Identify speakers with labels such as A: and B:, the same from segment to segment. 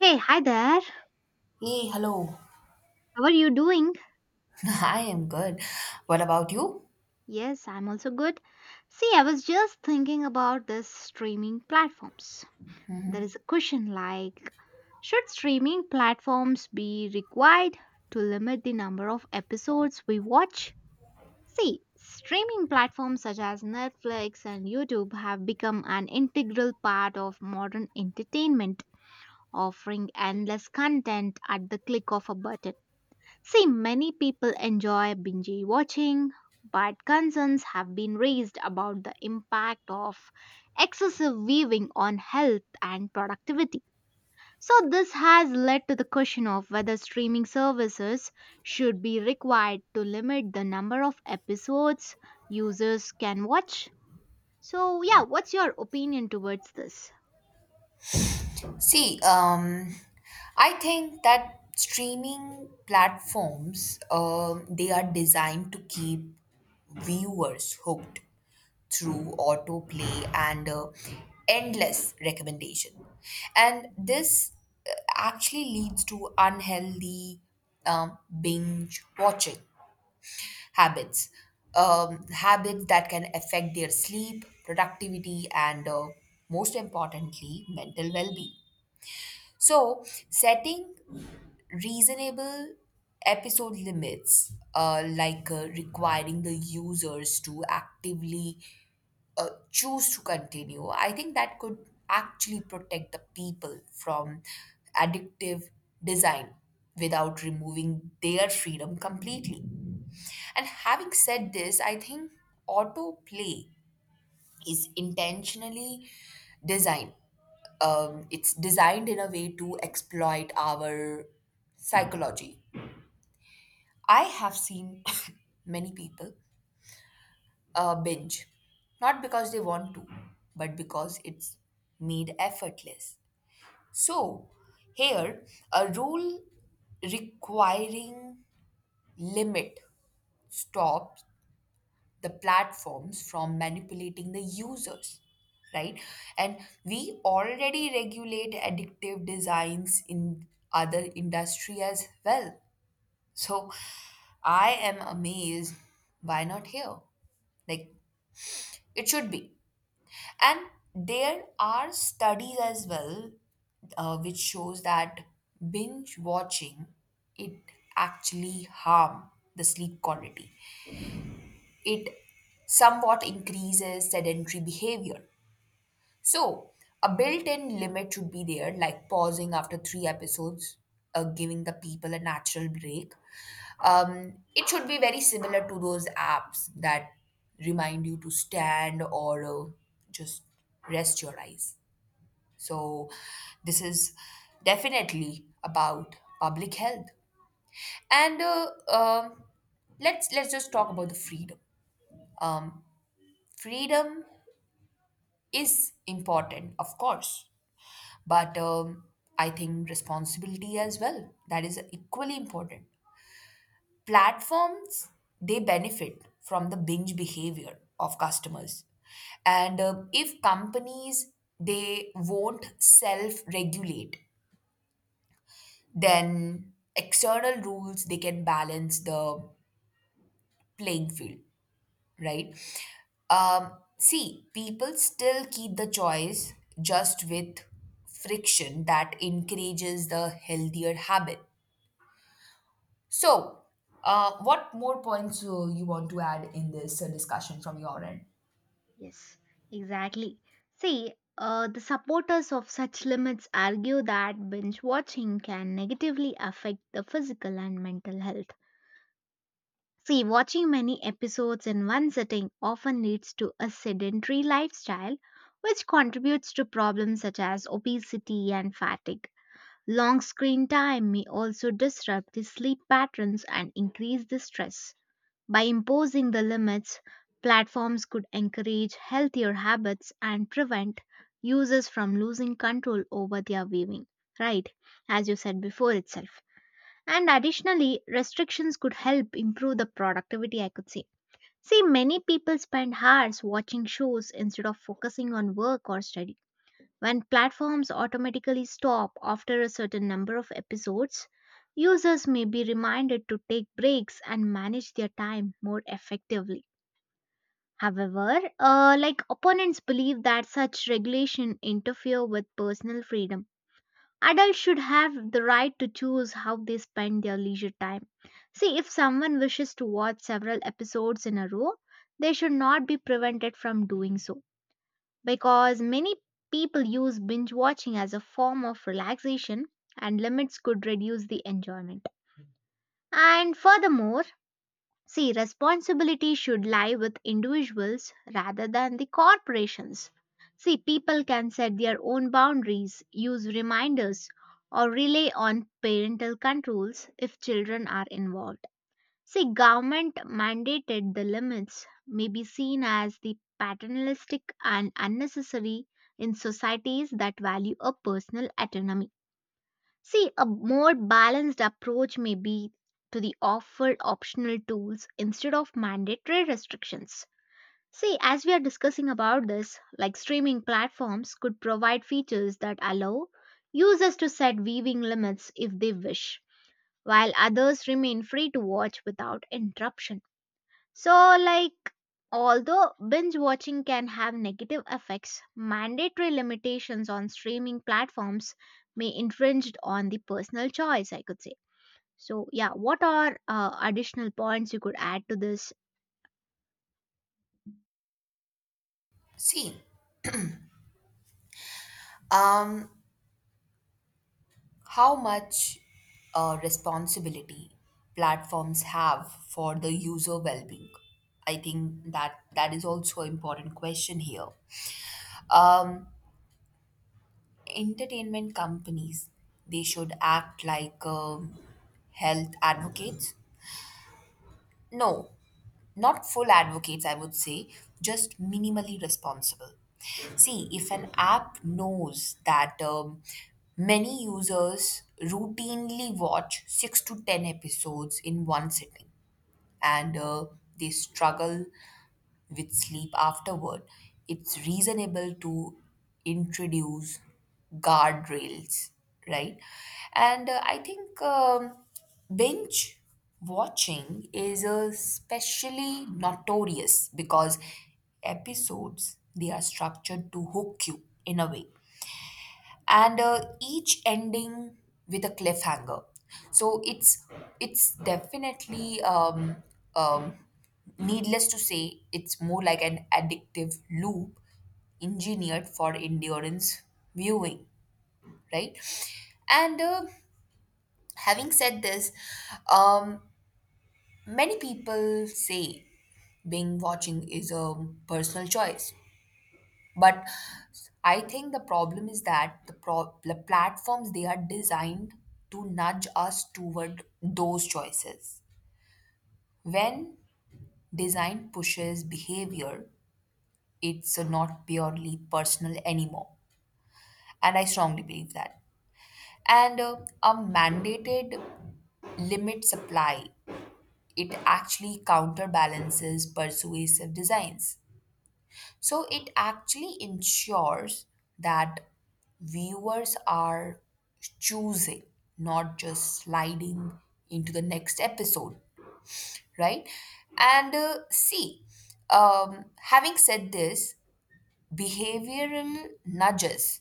A: Hey, hi there.
B: Hey, hello.
A: How are you doing?
B: I am good. What about you?
A: Yes, I'm also good. See, I was just thinking about this streaming platforms. There is a question like should streaming platforms be required to limit the number of episodes we watch? See, streaming platforms such as Netflix and YouTube have become an integral part of modern entertainment, offering endless content at the click of a button. See, many people enjoy binge watching, but concerns have been raised about the impact of excessive viewing on health and productivity. So, this has led to the question of whether streaming services should be required to limit the number of episodes users can watch. So, yeah, what's your opinion towards this?
B: See, I think that streaming platforms, they are designed to keep viewers hooked through autoplay and endless recommendation. And this actually leads to unhealthy binge watching habits, habits that can affect their sleep, productivity, and most importantly, mental well being. So, setting reasonable episode limits, like requiring the users to actively choose to continue, I think that could actually protect the people from addictive design without removing their freedom completely. And having said this, I think autoplay is intentionally designed. It's designed in a way to exploit our psychology. I have seen many people binge. Not because they want to, but because it's made effortless. So, here, a rule requiring limit stops the platforms from manipulating the users, right? And we already regulate addictive designs in other industry as well. So, I am amazed, why not here? Like, it should be. And there are studies as well, which shows that binge watching, it actually harm the sleep quality. It somewhat increases sedentary behavior. So a built-in limit should be there, like pausing after three episodes, giving the people a natural break. It should be very similar to those apps that remind you to stand or just rest your eyes. So, this is definitely about public health. And um let's just talk about the freedom. Um, Freedom is important, of course, but I think responsibility as well. That is equally important. Platforms, they benefit from the binge behavior of customers, and if companies, they won't self regulate, then external rules, they can balance the playing field, right? um, See, people still keep the choice, just with friction that encourages the healthier habit. So what more points you want to add in this discussion from your end?
A: Yes, exactly. See, the supporters of such limits argue that binge watching can negatively affect the physical and mental health. See, watching many episodes in one sitting often leads to a sedentary lifestyle, which contributes to problems such as obesity and fatigue. Long screen time may also disrupt the sleep patterns and increase the stress. By imposing the limits, platforms could encourage healthier habits and prevent users from losing control over their viewing, right? As you said before itself. And additionally, restrictions could help improve the productivity, I could say. See, many people spend hours watching shows instead of focusing on work or study when platforms automatically stop after a certain number of episodes, users may be reminded to take breaks and manage their time more effectively. However, like opponents believe that such regulation interfere with personal freedom. Adults should have the right to choose how they spend their leisure time. See, if someone wishes to watch several episodes in a row, they should not be prevented from doing so because many people use binge watching as a form of relaxation and limits could reduce the enjoyment. And furthermore, see, responsibility should lie with individuals rather than the corporations. See, people can set their own boundaries, use reminders, or rely on parental controls if children are involved. See, government mandated the limits may be seen as the paternalistic and unnecessary in societies that value a personal autonomy. See, a more balanced approach may be to the offered optional tools instead of mandatory restrictions. See, as we are discussing about this, like streaming platforms could provide features that allow users to set viewing limits if they wish, while others remain free to watch without interruption. So, like, although binge watching can have negative effects, mandatory limitations on streaming platforms may infringe on the personal choice, I could say. So, yeah, what are additional points you could add to this?
B: See, um, how much responsibility platforms have for the user well-being, I think that that is also an important question here. um, Entertainment companies, they should act like health advocates. No. Not full advocates, I would say, just minimally responsible. See, if an app knows that many users routinely watch 6 to 10 episodes in one sitting and they struggle with sleep afterward, it's reasonable to introduce guardrails, right? And I think binge watching is especially notorious because episodes, they are structured to hook you in a way, and each ending with a cliffhanger. So it's definitely um, needless to say, it's more like an addictive loop engineered for endurance viewing, right? And having said this, um, many people say being watching is a personal choice. But I think the problem is that the platforms, they are designed to nudge us toward those choices. When design pushes behavior, it's not purely personal anymore. And I strongly believe that. And a mandated limit supply, it actually counterbalances persuasive designs. So it actually ensures that viewers are choosing, not just sliding into the next episode, right? And see, having said this, behavioral nudges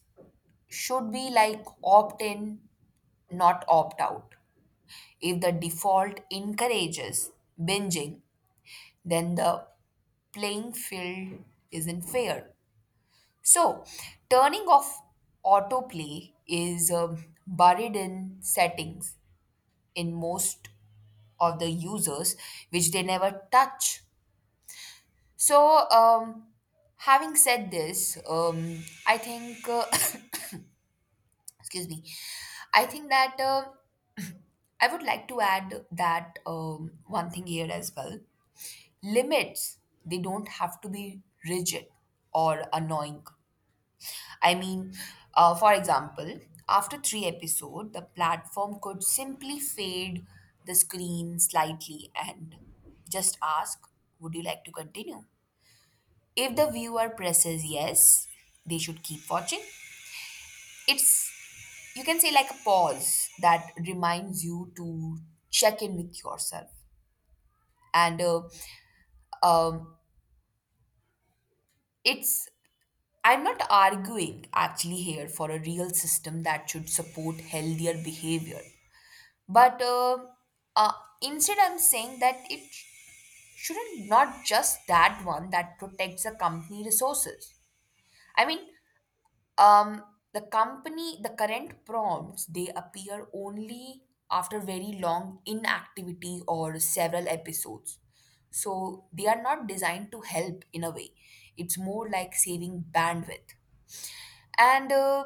B: should be like opt in, not opt out. If the default encourages binging, then the playing field isn't fair. So, turning off autoplay is buried in settings in most of the users, which they never touch. So, having said this, I think, excuse me, I think that I would like to add that one thing here as well. Limits, they don't have to be rigid or annoying. I mean, for example, after three episodes, the platform could simply fade the screen slightly and just ask, Would you like to continue? If the viewer presses yes, they should keep watching. It's, you can say, like a pause that reminds you to check in with yourself. And um, it's, I'm not arguing actually here for a real system that should support healthier behavior, but uh, instead I'm saying that it shouldn't not just that one that protects the company resources. I mean, um, the current prompts, they appear only after very long inactivity or several episodes. So they are not designed to help in a way, it's more like saving bandwidth. And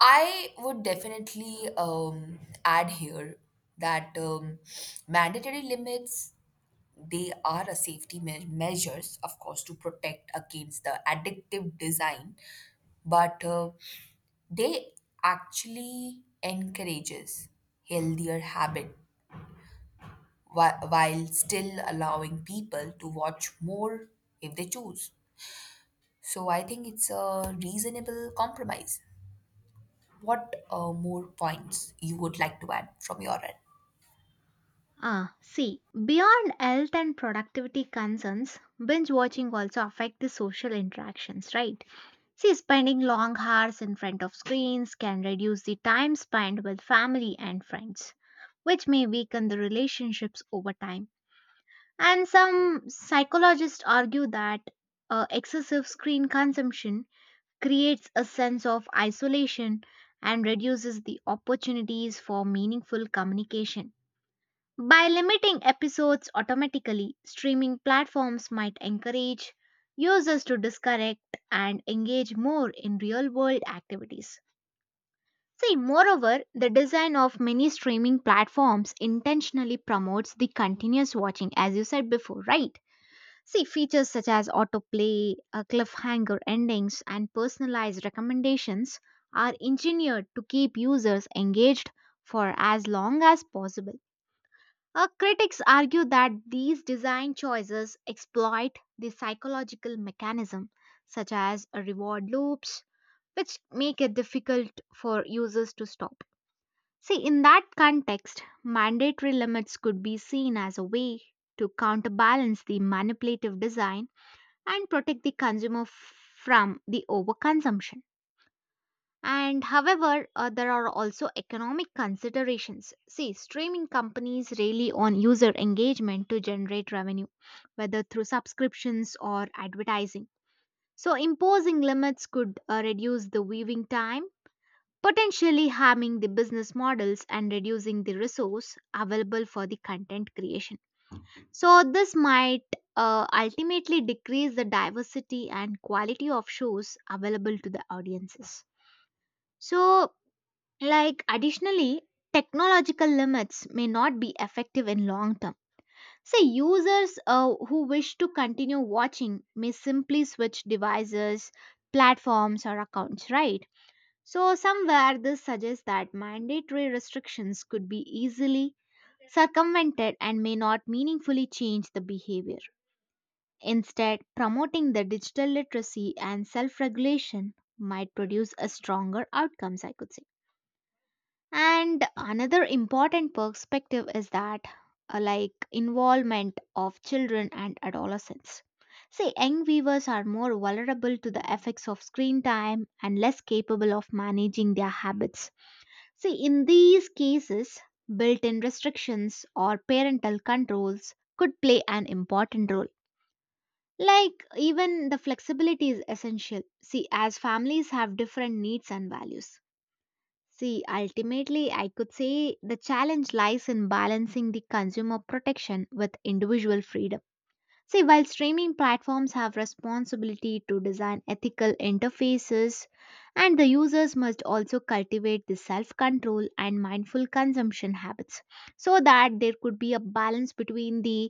B: I would definitely add here that mandatory limits, they are a safety measures, of course, to protect against the addictive design, but they actually encourages healthier habit, while still allowing people to watch more if they choose. So I think it's a reasonable compromise. What more points you would like to add from your end?
A: Ah, see, beyond health and productivity concerns, binge watching also affect the social interactions, right? See, spending long hours in front of screens can reduce the time spent with family and friends, which may weaken the relationships over time. And some psychologists argue that excessive screen consumption creates a sense of isolation and reduces the opportunities for meaningful communication. By limiting episodes automatically, streaming platforms might encourage users to disconnect and engage more in real world activities. See, moreover, the design of many streaming platforms intentionally promotes the continuous watching, as you said before, right? See, features such as autoplay, cliffhanger endings, and personalized recommendations are engineered to keep users engaged for as long as possible. Critics argue that these design choices exploit the psychological mechanism, such as reward loops, which make it difficult for users to stop. See, in that context, mandatory limits could be seen as a way to counterbalance the manipulative design and protect the from the overconsumption. And however, there are also economic considerations. See, streaming companies rely on user engagement to generate revenue, whether through subscriptions or advertising. So, imposing limits could reduce the viewing time, potentially harming the business models and reducing the resource available for the content creation. So, this might ultimately decrease the diversity and quality of shows available to the audiences. So, like additionally, technological limits may not be effective in long term. Say users who wish to continue watching may simply switch devices, platforms or accounts, right? So somewhere this suggests that mandatory restrictions could be easily circumvented and may not meaningfully change the behavior. Instead, promoting the digital literacy and self-regulation might produce a stronger outcomes I could say. And another important perspective is that like involvement of children and adolescents. See, young viewers are more vulnerable to the effects of screen time and less capable of managing their habits. See, in these cases, built in restrictions or parental controls could play an important role. Like, even the flexibility is essential. See, as families have different needs and values. See, ultimately, I could say the challenge lies in balancing the consumer protection with individual freedom. See, while streaming platforms have responsibility to design ethical interfaces, and the users must also cultivate the self control and mindful consumption habits so that there could be a balance between the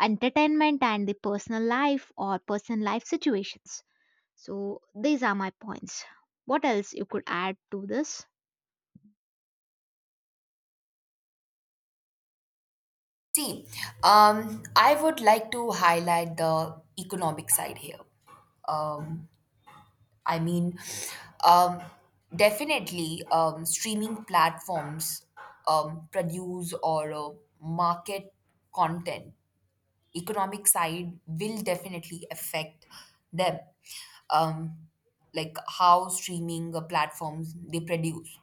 A: entertainment and the personal life or personal life situations. So, these are my points. What else you could add to this?
B: See, I would like to highlight the economic side here. Um, I mean, um, definitely, streaming platforms produce or market content. Economic side will definitely affect them. Um, like how streaming platforms they produce.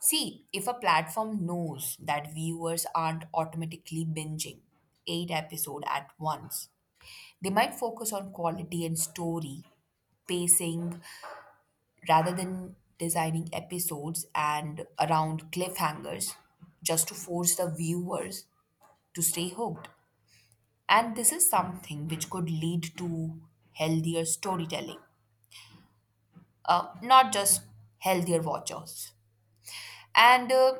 B: See, if a platform knows that viewers aren't automatically binging eight episodes at once, they might focus on quality and story, pacing, rather than designing episodes and around cliffhangers just to force the viewers to stay hooked. And this is something which could lead to healthier storytelling, not just healthier watchers. And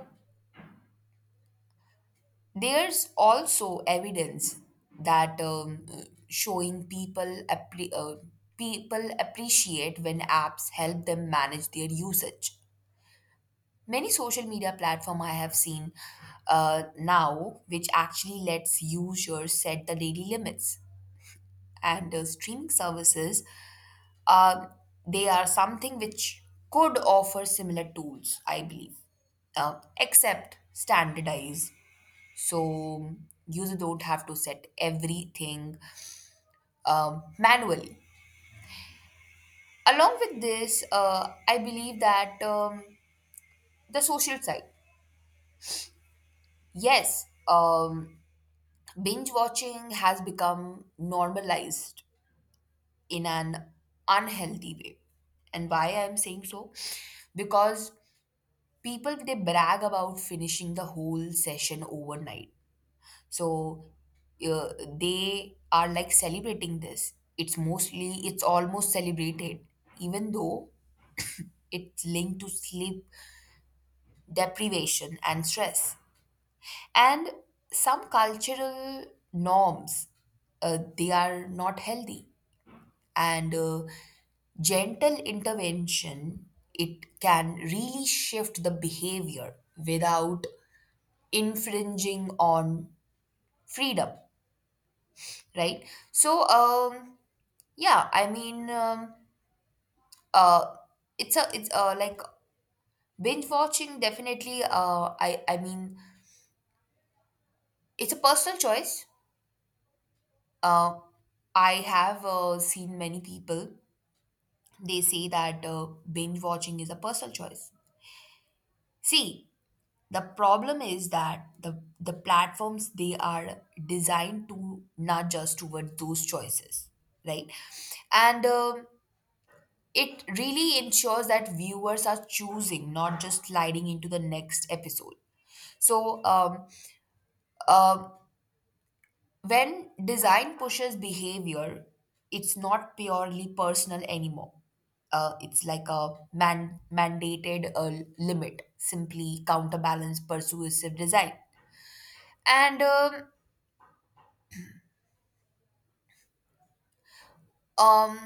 B: there's also evidence that showing people appreciate when apps help them manage their usage. Many social media platform I have seen now, which actually lets users set the daily limits, and streaming services, uh, they are something which could offer similar tools, I believe, except standardized, so you don't have to set everything manually. Along with this, I believe that the social side, yes, binge watching has become normalized in an unhealthy way. And why I'm saying so, because people, they brag about finishing the whole session overnight. So uh, they are like celebrating this. It's almost celebrated, even though it's linked to sleep deprivation and stress. And some cultural norms, they are not healthy. And gentle intervention, it can really shift the behavior without infringing on freedom, right? So yeah, I mean, uh, it's a it's like binge watching definitely. I mean, it's a personal choice. Uh, I have seen many people. They say that binge watching is a personal choice. See, the problem is that the platforms, they are designed to nudge us towards those choices, right? And it really ensures that viewers are choosing, not just sliding into the next episode. So, um, when design pushes behavior, it's not purely personal anymore. It's like a mandated limit, simply counterbalance persuasive design. And um,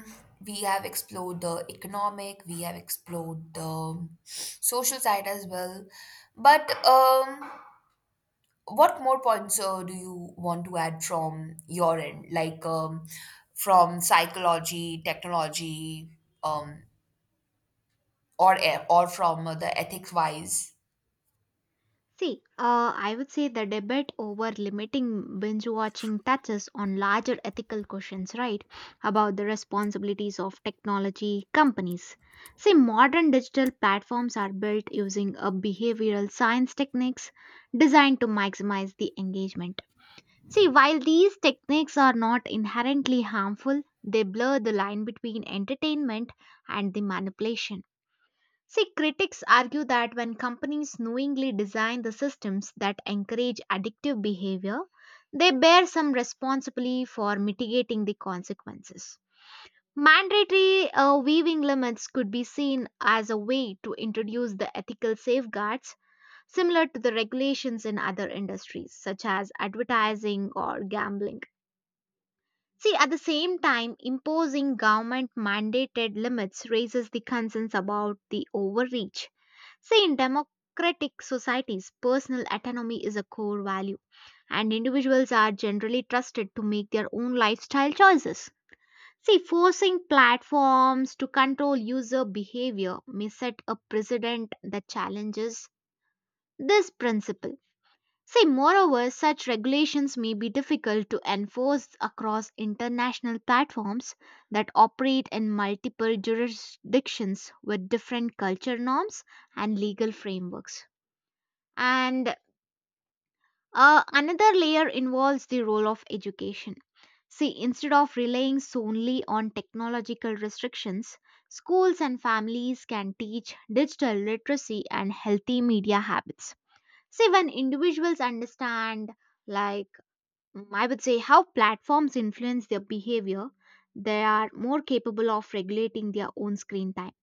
B: we have explored the economic, we have explored the social side as well. But what more points do you want to add from your end, like from psychology, technology, um, or or from the ethics wise?
A: See, I would say the debate over limiting binge watching touches on larger ethical questions, right? About the responsibilities of technology companies. See, modern digital platforms are built using a behavioral science techniques designed to maximize the engagement. See, while these techniques are not inherently harmful, they blur the line between entertainment and the manipulation. See, critics argue that when companies knowingly design the systems that encourage addictive behavior, they bear some responsibility for mitigating the consequences. Mandatory weaving limits could be seen as a way to introduce the ethical safeguards similar to the regulations in other industries, such as advertising or gambling. See, at the same time, imposing government mandated limits raises the concerns about the overreach. See, in democratic societies, personal autonomy is a core value, and individuals are generally trusted to make their own lifestyle choices. See, forcing platforms to control user behavior may set a precedent that challenges this principle. See, moreover, such regulations may be difficult to enforce across international platforms that operate in multiple jurisdictions with different culture norms and legal frameworks. And another layer involves the role of education. See, instead of relying solely on technological restrictions, schools and families can teach digital literacy and healthy media habits. See, when individuals understand, like, I would say, how platforms influence their behavior, they are more capable of regulating their own screen time.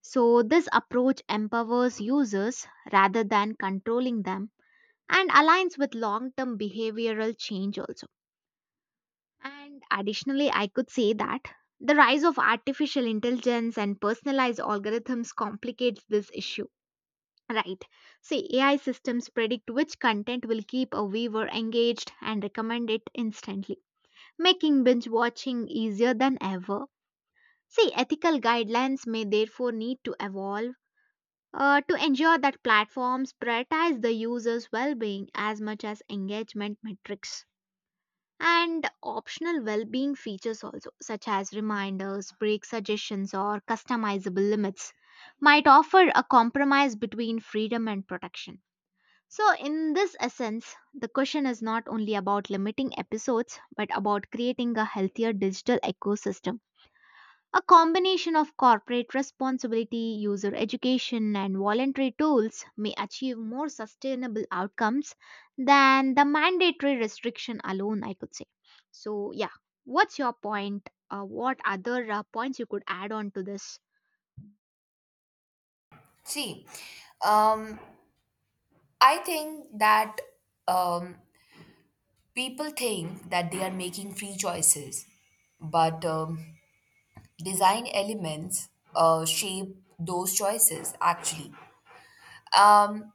A: So, this approach empowers users rather than controlling them and aligns with long term behavioral change also. And additionally, I could say that the rise of artificial intelligence and personalized algorithms complicates this issue. Right. See, AI systems predict which content will keep a viewer engaged and recommend it instantly, making binge watching easier than ever. See, ethical guidelines may therefore need to evolve to ensure that platforms prioritize the user's well being as much as engagement metrics. And optional well-being features also such as reminders break suggestions or customizable limits might offer a compromise between freedom and protection. So in this essence the question is not only about limiting episodes but about creating a healthier digital ecosystem. A combination of corporate responsibility, user education, and voluntary tools may achieve more sustainable outcomes than the mandatory restriction alone, I could say. So, yeah, what's your point? What other points you could add on to this?
B: See, um, I think that um, people think that they are making free choices, but design elements shape those choices actually. Um,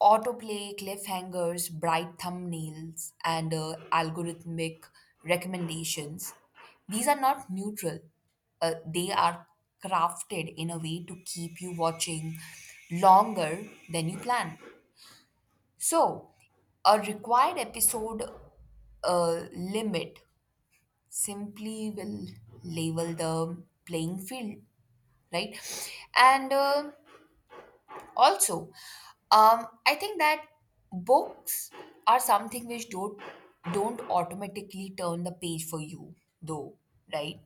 B: Autoplay cliffhangers, bright thumbnails, and algorithmic recommendations, these are not neutral. They are crafted in a way to keep you watching longer than you plan. So, a required episode limit simply will level the playing field, right? And also, I think that books are something which don't automatically turn the page for you, though, right?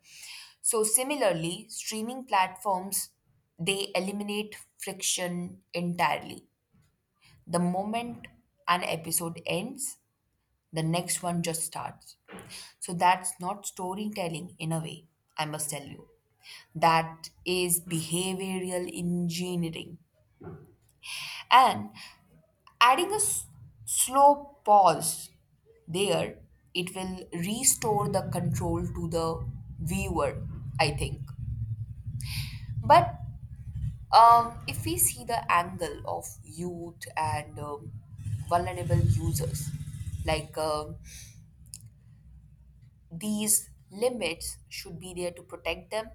B: So similarly, streaming platforms, they eliminate friction entirely. The moment an episode ends, the next one just starts. So that's not storytelling in a way, I must tell you. That is behavioral engineering. And adding a slow pause there, it will restore the control to the viewer, I think. But if we see the angle of youth and vulnerable users, like these limits should be there to protect them.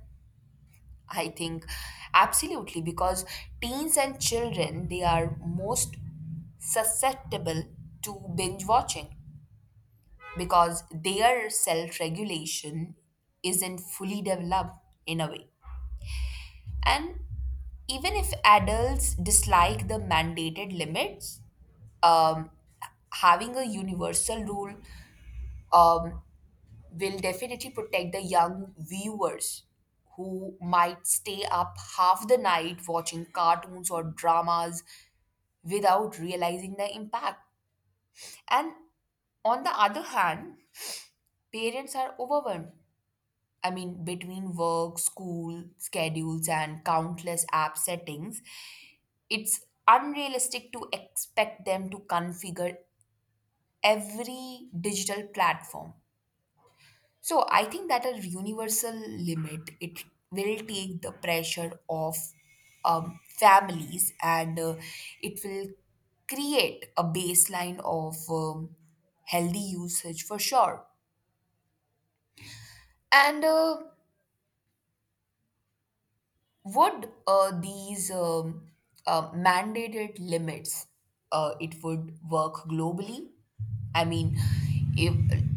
B: I think absolutely, because teens and children, they are most susceptible to binge watching because their self regulation isn't fully developed in a way. And even if adults dislike the mandated limits, um, having a universal rule um, will definitely protect the young viewers who might stay up half the night watching cartoons or dramas without realizing the impact. And on the other hand, parents are overwhelmed. I mean, between work, school, schedules, and countless app settings, it's unrealistic to expect them to configure every digital platform. So I think that a universal limit, it will take the pressure off families and it will create a baseline of healthy usage for sure. And would these mandated limits it would work globally? I mean, if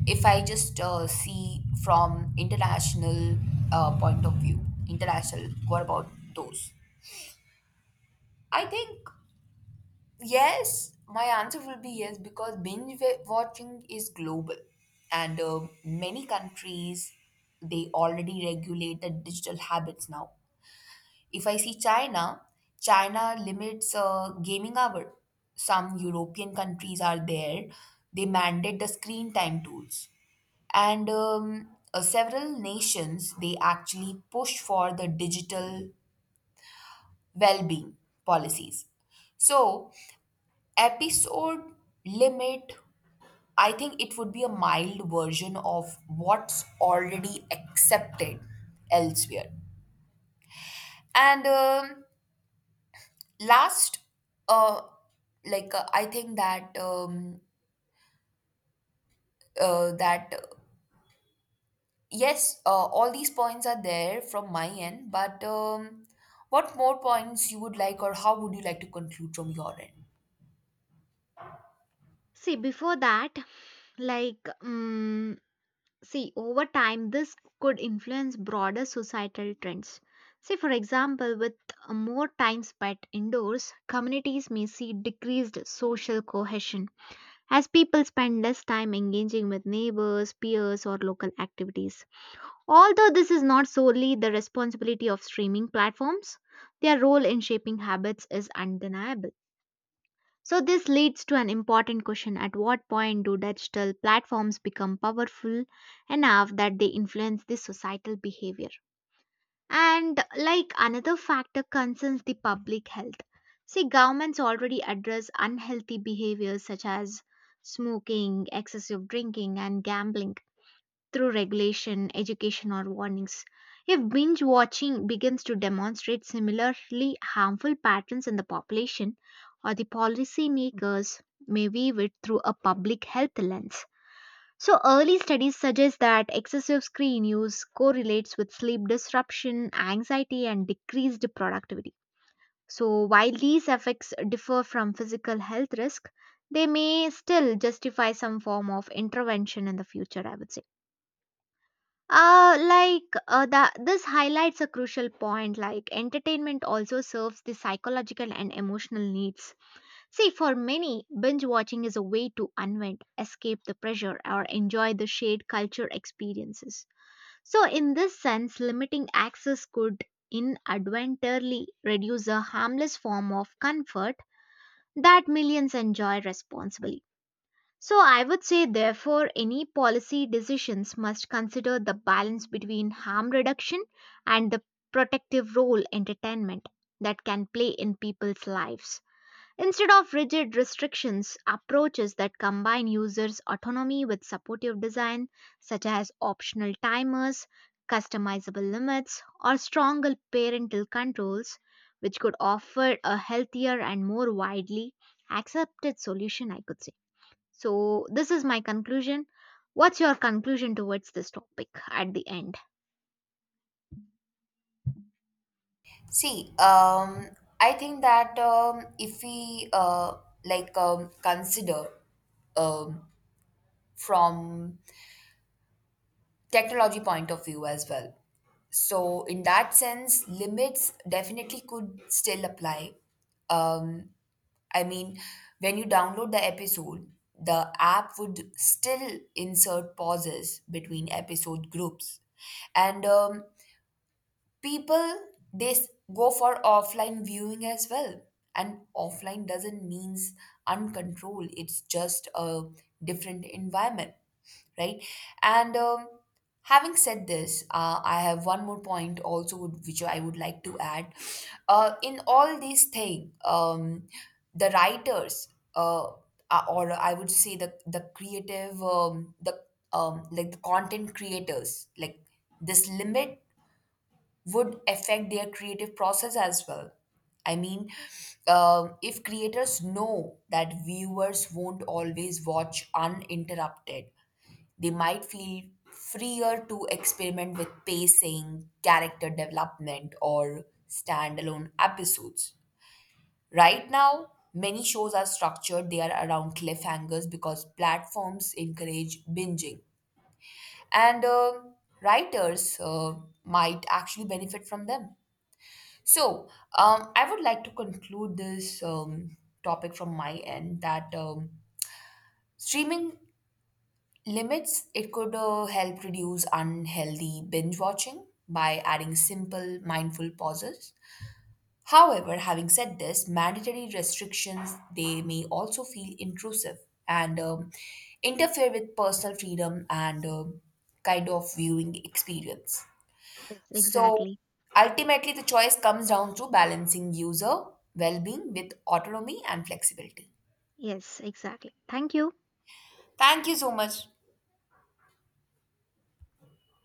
B: if I just see from international point of view, international, what about those? I think yes. My answer will be yes because binge watching is global, and many countries, they already regulate the digital habits now. If I see China, China limits gaming hour. Some European countries are there. They mandate the screen time tools, and several nations, they actually push for the digital well-being policies. So, episode limit. I think it would be a mild version of what's already accepted elsewhere. And last, uh like, I think that that yes, all these points are there from my end, but what more points you would like, or how would you like to conclude from your end?
A: See, before that, like, see, over time, this could influence broader societal trends. See, for example, with more time spent indoors, communities may see decreased social cohesion as people spend less time engaging with neighbors, peers, or local activities. Although this is not solely the responsibility of streaming platforms, their role in shaping habits is undeniable. So, this leads to an important question at what point do digital platforms become powerful enough that they influence the societal behavior? And, like another factor, concerns the public health. See, governments already address unhealthy behaviors such as smoking, excessive drinking, and gambling through regulation, education, or warnings. If binge watching begins to demonstrate similarly harmful patterns in the population, or the policymakers may view it through a public health lens. So, early studies suggest that excessive screen use correlates with sleep disruption, anxiety, and decreased productivity. So, while these effects differ from physical health risk, they may still justify some form of intervention in the future, I would say. That this highlights a crucial point like entertainment also serves the psychological and emotional needs. See, for many, binge watching is a way to unwind, escape the pressure, or enjoy the shared culture experiences. So, in this sense, limiting access could inadvertently reduce a harmless form of comfort that millions enjoy responsibly. So I would say, therefore, any policy decisions must consider the balance between harm reduction and the protective role entertainment that can play in people's lives. Instead of rigid restrictions, approaches that combine users' autonomy with supportive design, such as optional timers, customizable limits, or stronger parental controls, which could offer a healthier and more widely accepted solution, I could say. So, this is my conclusion. What's your conclusion towards this topic at the end?
B: See, I think that if we like consider, um from technology point of view as well, so in that sense limits definitely could still apply. um I mean, when you download the episode, the app would still insert pauses between episode groups. And people, they go for offline viewing as well. And offline doesn't means uncontrolled, it's just a different environment, right? And having said this, I have one more point also would, which I would like to add, in all these things. The writers, uh, or I would say the creative, the like the content creators, like, this limit would affect their creative process as well. I mean, if creators know that viewers won't always watch uninterrupted, they might feel freer to experiment with pacing, character development, or standalone episodes. Right now, many shows are structured, they are around cliffhangers because platforms encourage binging. And writers might actually benefit from them. So, I would like to conclude this topic from my end, that streaming limits, it could help reduce unhealthy binge watching by adding simple mindful pauses. However, having said this, mandatory restrictions, they may also feel intrusive and interfere with personal freedom and kind of viewing experience.
A: Yes,
B: So
A: exactly.
B: ultimately, the choice comes down to balancing user well being with autonomy and flexibility.
A: Yes, exactly. Thank you.
B: Thank you so much.